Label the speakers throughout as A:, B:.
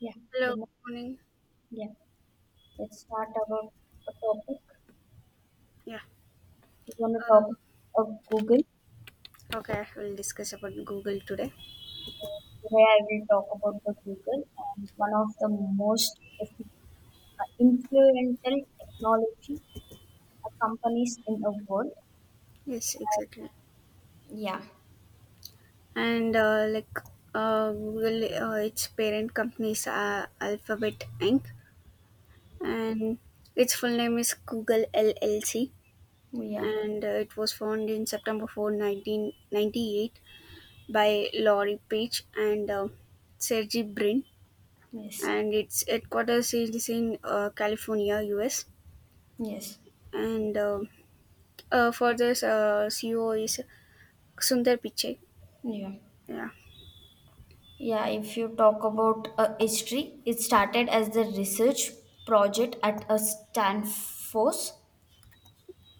A: Yeah,
B: Hello,
A: good mo-
B: morning.
A: yeah. Let's start about a topic.
B: Yeah.
A: We're going to
B: Uh,
A: talk of Google.
B: okay, we'll discuss about Google today.
A: Today I will talk about the Google and one of the most influential technology companies in the world.
B: Yes, exactly.
A: Yeah,
B: And like Google, its parent company is Alphabet Inc. and its full name is Google LLC.
A: yeah,
B: And it was founded in September 4, 1998 by Laurie Page and Sergey Brin.
A: yes,
B: And its headquarters is in California, US.
A: yes,
B: And For this, CEO is Sundar Pichai.
A: yeah.
B: Yeah.
A: Yeah, if you talk about history, it started as the research project at a Stanford.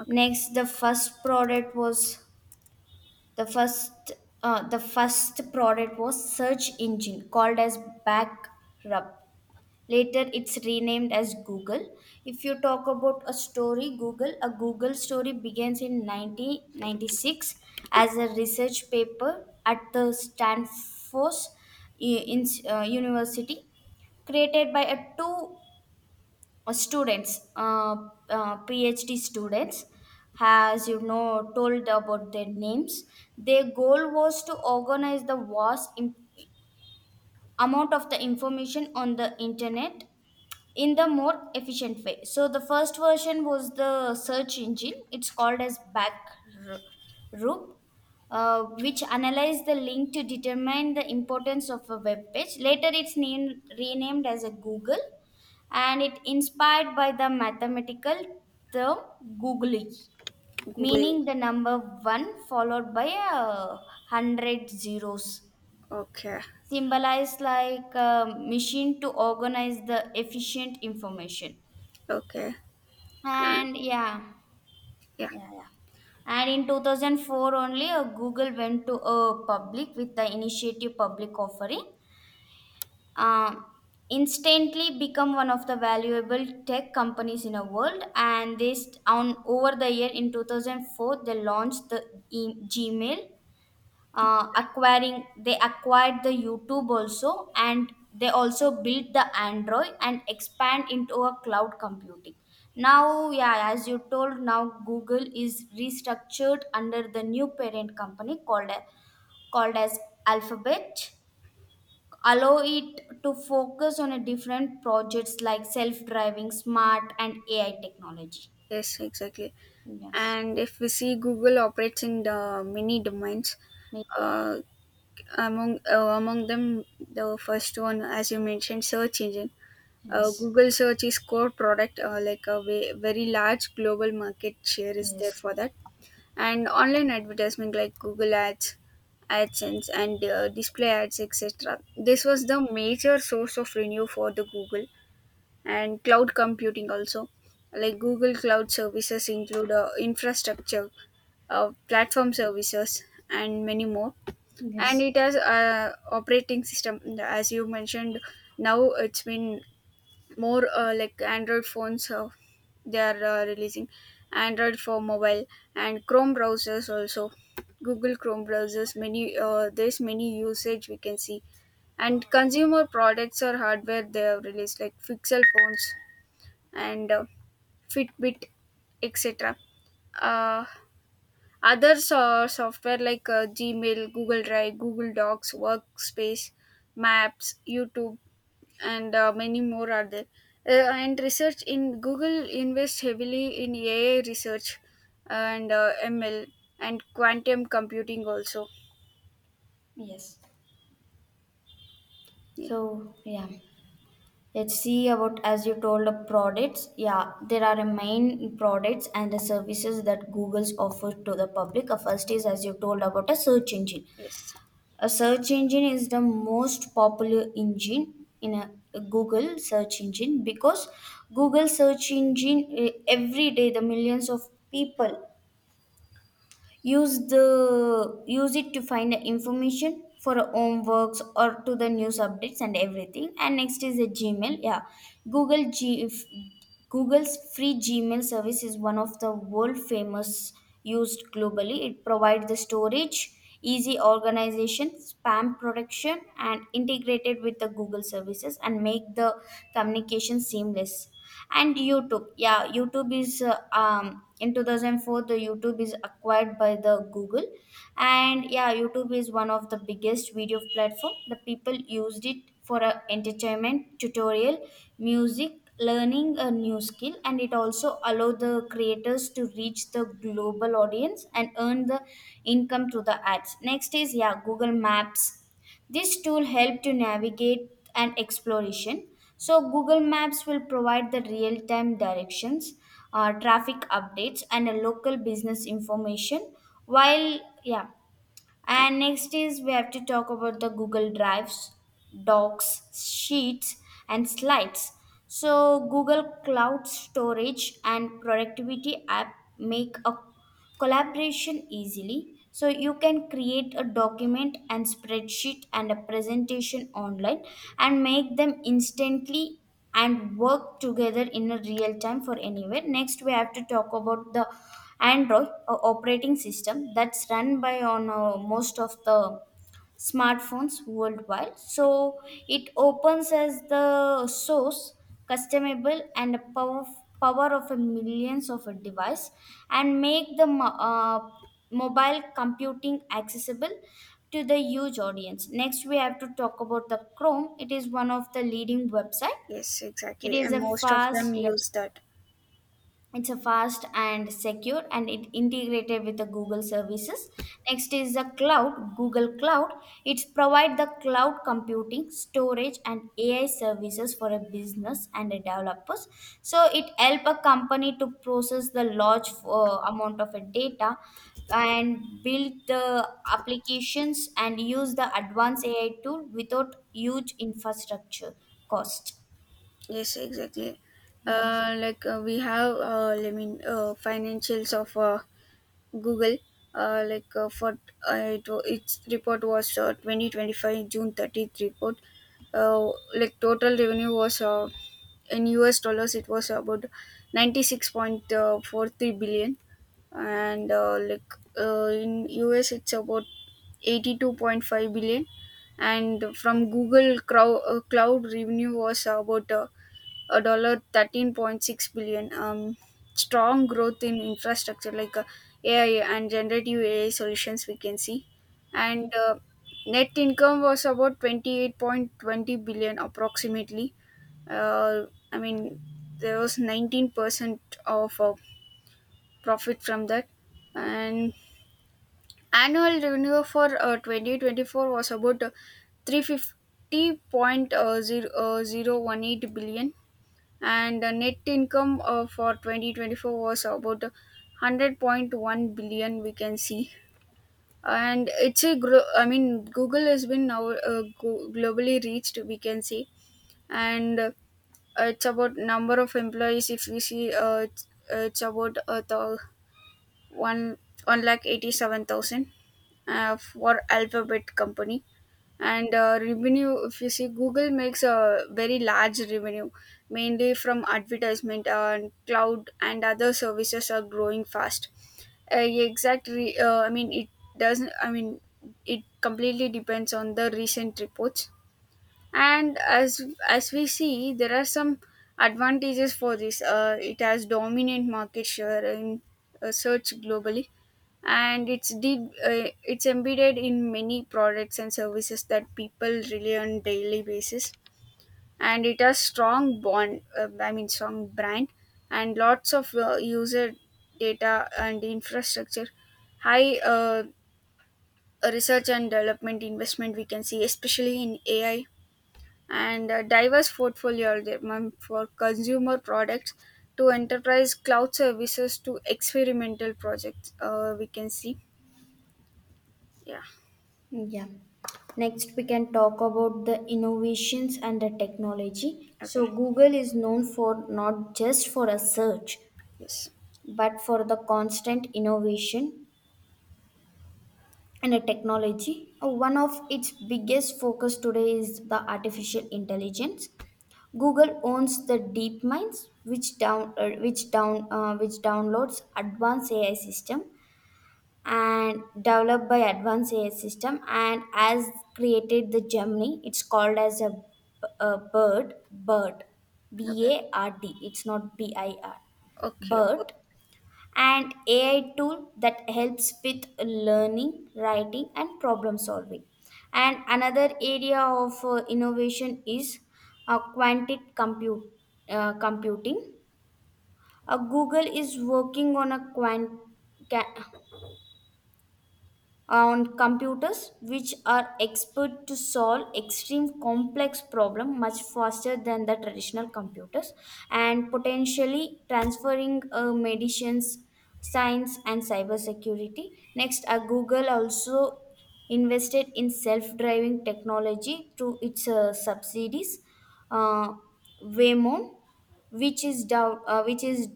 B: Okay.
A: Next, The first the first product was search engine called as Backrub. Later, it's renamed as Google. If you talk about a story, a Google story begins in 1996
B: Uh,
A: as a research paper at the Stanford uh, in University, created by a two uh, students, uh, PhD students, has you know told about their names. Their goal was to organize the amount of the information on the internet in the more efficient way. So the first version was the search engine. It's called as Backrub, which analyzed the link to determine the importance of a web page. Later, it's named renamed as a Google, and it inspired by the mathematical term googly,
B: Google.
A: meaning the number one followed by a hundred zeros,
B: Okay.
A: symbolized like a machine to organize the efficient information.
B: Okay.
A: And yeah,
B: Yeah.
A: yeah, yeah. And in 2004 only, Google went to public with the initiative public offering, uh, instantly become one of the valuable tech companies in the world. And this on over the year in 2004, they launched the Gmail, acquiring they acquired the YouTube also, and they also built the Android and expand into a cloud computing. Now, yeah, as you told, now Google is restructured under the new parent company called as Alphabet, allow it to focus on a different projects like self-driving smart and AI technology.
B: Yes. Exactly.
A: yes
B: And if we see Google operates in the many domains, uh, among them, the first one, as you mentioned, search engine.
A: yes
B: Google search is core product, like a very large global market share is there
A: yes
B: for that. And online advertisement like Google Ads, AdSense, and display ads, etc. This was the major source of revenue for the Google. And cloud computing also, like Google Cloud services include infrastructure, platform services, and many more. And
A: yes
B: it has a operating system, as you mentioned. Now it's been more like Android phones, they are releasing Android for mobile and Chrome browsers also. Google Chrome browsers, many there's many usage we can see. And consumer products or hardware they have released, like Pixel phones and Fitbit, etc. uh, Other software like Gmail, Google Drive, Google Docs, Workspace, Maps, YouTube, and many more are there. And research in Google invests heavily in AI research and ML and quantum computing also.
A: yes
B: Yeah.
A: so yeah, let's see about, as you told, the products. Yeah, there are a main products and the services that Google's offers to the public. First is, as you told, about a search engine.
B: Yes.
A: A search engine is the most popular engine in a Google search engine, because Google search engine, eh, every day the millions of people use it to find the information for our own works or to the news updates and everything. And next is a Gmail. Yeah google g if- Google's free Gmail service is one of the world famous, used globally. It provides the storage, easy organization, spam protection, and integrated with the Google services and make the communication seamless. And YouTube, yeah, YouTube is in 2004 the YouTube is acquired by the Google, and yeah, YouTube is one of the biggest video platform. The people used it for entertainment, tutorial, music, keep learning a new skill, and it also allow the creators to reach the global audience and earn the income through the ads. Next is, yeah, Google Maps. This tool help to navigate and exploration. So Google Maps will provide the real time directions, traffic updates, and a local business information. While yeah And next is we have to talk about the Google Drives, Docs, Sheets, and Slides. So, Google Cloud Storage and Productivity app make a collaboration easily. So, you can create a document and spreadsheet and a presentation online and make them instantly and work together in a real time for anywhere. Next, we have to talk about the Android operating system that's run by on most of the smartphones worldwide. So it opens as the source, customizable, and a power of a millions of a device, and make the mobile computing accessible to the huge audience. Next, we have to talk about the Chrome. It is one of the leading website.
B: Yes.
A: It
B: Exactly.
A: is
B: And
A: a
B: most of them
A: fast, yeah,
B: use that.
A: it's a fast and secure and it integrated with the Google services. Next is the cloud, Google Cloud. It provide the cloud computing, storage, and AI services for a business and a developers. So it help a company to process the large amount of a data and build the applications and use the advanced AI tool without huge infrastructure cost.
B: Yes. Exactly.
A: Yes.
B: We have, financials of Google, for its report was 2025 June 30 report. Like total revenue was in US dollars, it was about 96.43 billion, and in US, it's about 82.5 billion. And from Google Cloud, revenue was about a dollar 13.6 billion. Strong growth in infrastructure like AI and generative AI solutions we can see. And net income was about 28.20 billion approximately. Uh, i mean there was 19% of profit from that. And annual revenue for 2024 was about 350.018 billion, and the net income for 2024 was about 100.1 billion we can see. And it's a gro- I mean Google has been now globally reached we can see. And it's about number of employees. If we see, it's about the one one lakh 87,000 for Alphabet company. And revenue, if you see, Google makes a very large revenue mainly from advertisement, and cloud and other services are growing fast. Exact re- I mean It doesn't I mean it completely depends on the recent reports. And as we see, there are some advantages for this. It has dominant market share in search globally, and it's embedded in many products and services that people rely on daily basis. And it has strong bond I mean strong brand and lots of user data and infrastructure, high research and development investment we can see, especially in AI. And a diverse portfolio are there, ma'am, for consumer products to enterprise cloud services to experimental projects we can see. Yeah.
A: Yeah. Next, we can talk about the innovations and the technology.
B: Okay.
A: So, Google is known for not just for a search,
B: Yes.
A: but for the constant innovation and the technology. One of its biggest focus today is the artificial intelligence. Google owns the DeepMinds, which downloads advanced AI system and developed by advanced AI system, and has created the Gemini. It's called as bird,
B: Okay.
A: BARD. It's not BIR,
B: Okay.
A: bird, and AI tool that helps with learning, writing, and problem solving. And another area of innovation is quantum computing. Google is working on ca- on computers which are expert to solve extreme complex problem much faster than the traditional computers, and potentially transferring medicines, science, and cybersecurity. Next, Google also invested in self-driving technology through its subsidies, uh, Waymo, which is dow- which is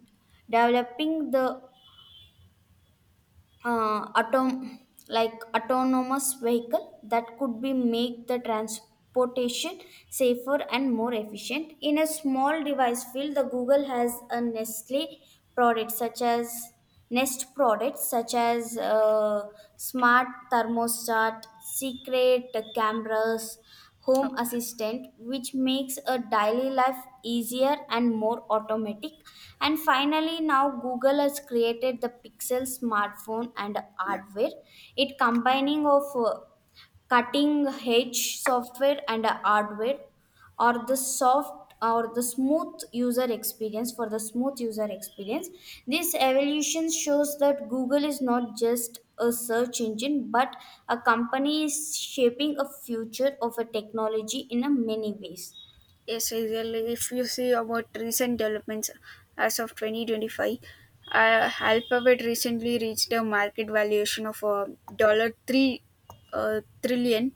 A: developing the uh, autom- autonomous vehicle that could be make the transportation safer and more efficient. In a small device field, the Google has a nestle product such as Nest products such as smart thermostat, secret cameras, home
B: Okay.
A: assistant, which makes a daily life easier and more automatic. And finally, now Google has created the Pixel smartphone and
B: Yeah.
A: hardware. It combining of cutting edge software and hardware or the soft or the smooth user experience this evolution shows that Google is not just a search engine, but a company is shaping a future of a technology in a many ways.
B: Yes, really, if you see about recent developments as of 2025, Alphabet recently reached a market valuation of a dollar 3 trillion,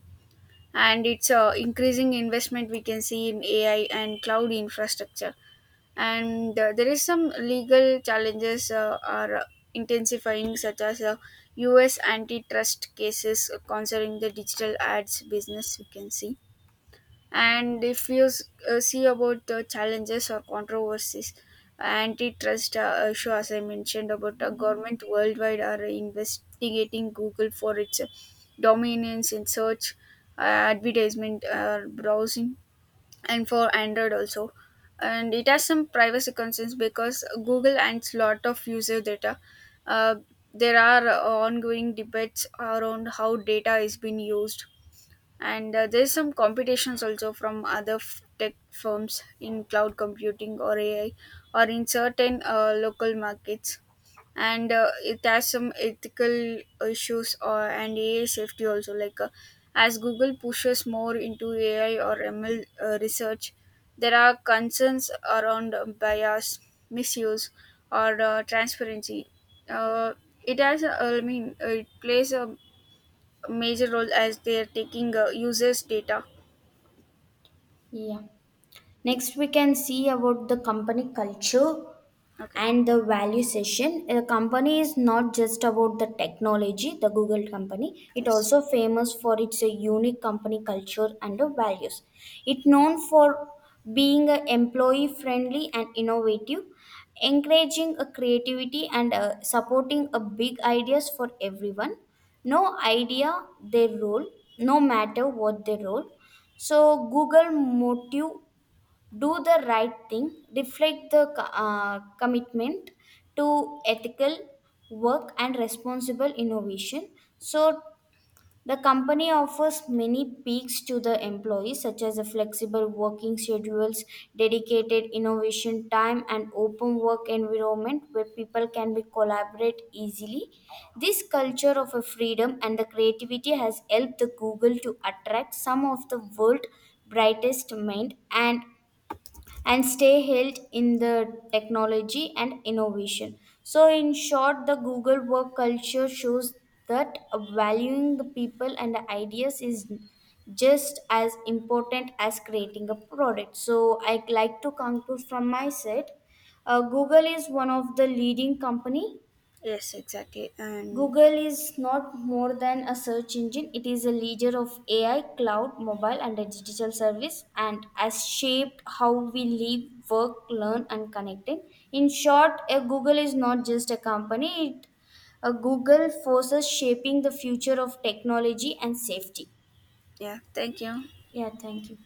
B: and it's increasing investment we can see in AI and cloud infrastructure. And there is some legal challenges are intensifying, such as US antitrust cases concerning the digital ads business we can see. And if you s- see about the challenges or controversies, antitrust issue, as I mentioned, about a government worldwide are investigating Google for its dominance in search, advertisement, browsing, and for Android also. And it has some privacy concerns because Google owns lot of user data. Uh, there are ongoing debates around how data is being used, and there's some competitions also from other tech firms in cloud computing or AI or in certain local markets. And it has some ethical issues or and AI safety also. Like as Google pushes more into AI or ML research, there are concerns around bias, misuse, or transparency. Uh, it has, I mean, It plays a major role as they are taking users' data.
A: Yeah.
B: Yeah.
A: Next, we can see about the company culture
B: Okay.
A: and the value session. The company is not just about the technology, the Google company. It
B: Yes.
A: also famous for its unique company culture and the values. It known for being a employee friendly and innovative, encouraging a creativity and supporting a big ideas for everyone. No idea their role, no matter what their role. So Google motive, do the right thing, reflect the commitment to ethical work and responsible innovation. So, the company offers many peaks to the employees, such as the flexible working schedules, dedicated innovation time, and open work environment where people can be collaborate easily. This culture of a freedom and the creativity has helped the Google to attract some of the world's brightest mind and stay held in the technology and innovation. So, in short, the Google work culture shows that valuing the people and the ideas is just as important as creating a product. So, I'd like to conclude from my side. Google is one of the leading company.
B: Yes. Exactly. And
A: Google is not more than a search engine, it is a leader of AI, cloud, mobile, and a digital service, and has shaped how we live, work, learn, and connect. It. In short, a Google is not just a company, a Google forces shaping the future of technology and safety.
B: yeah. Thank you.
A: Yeah, thank you.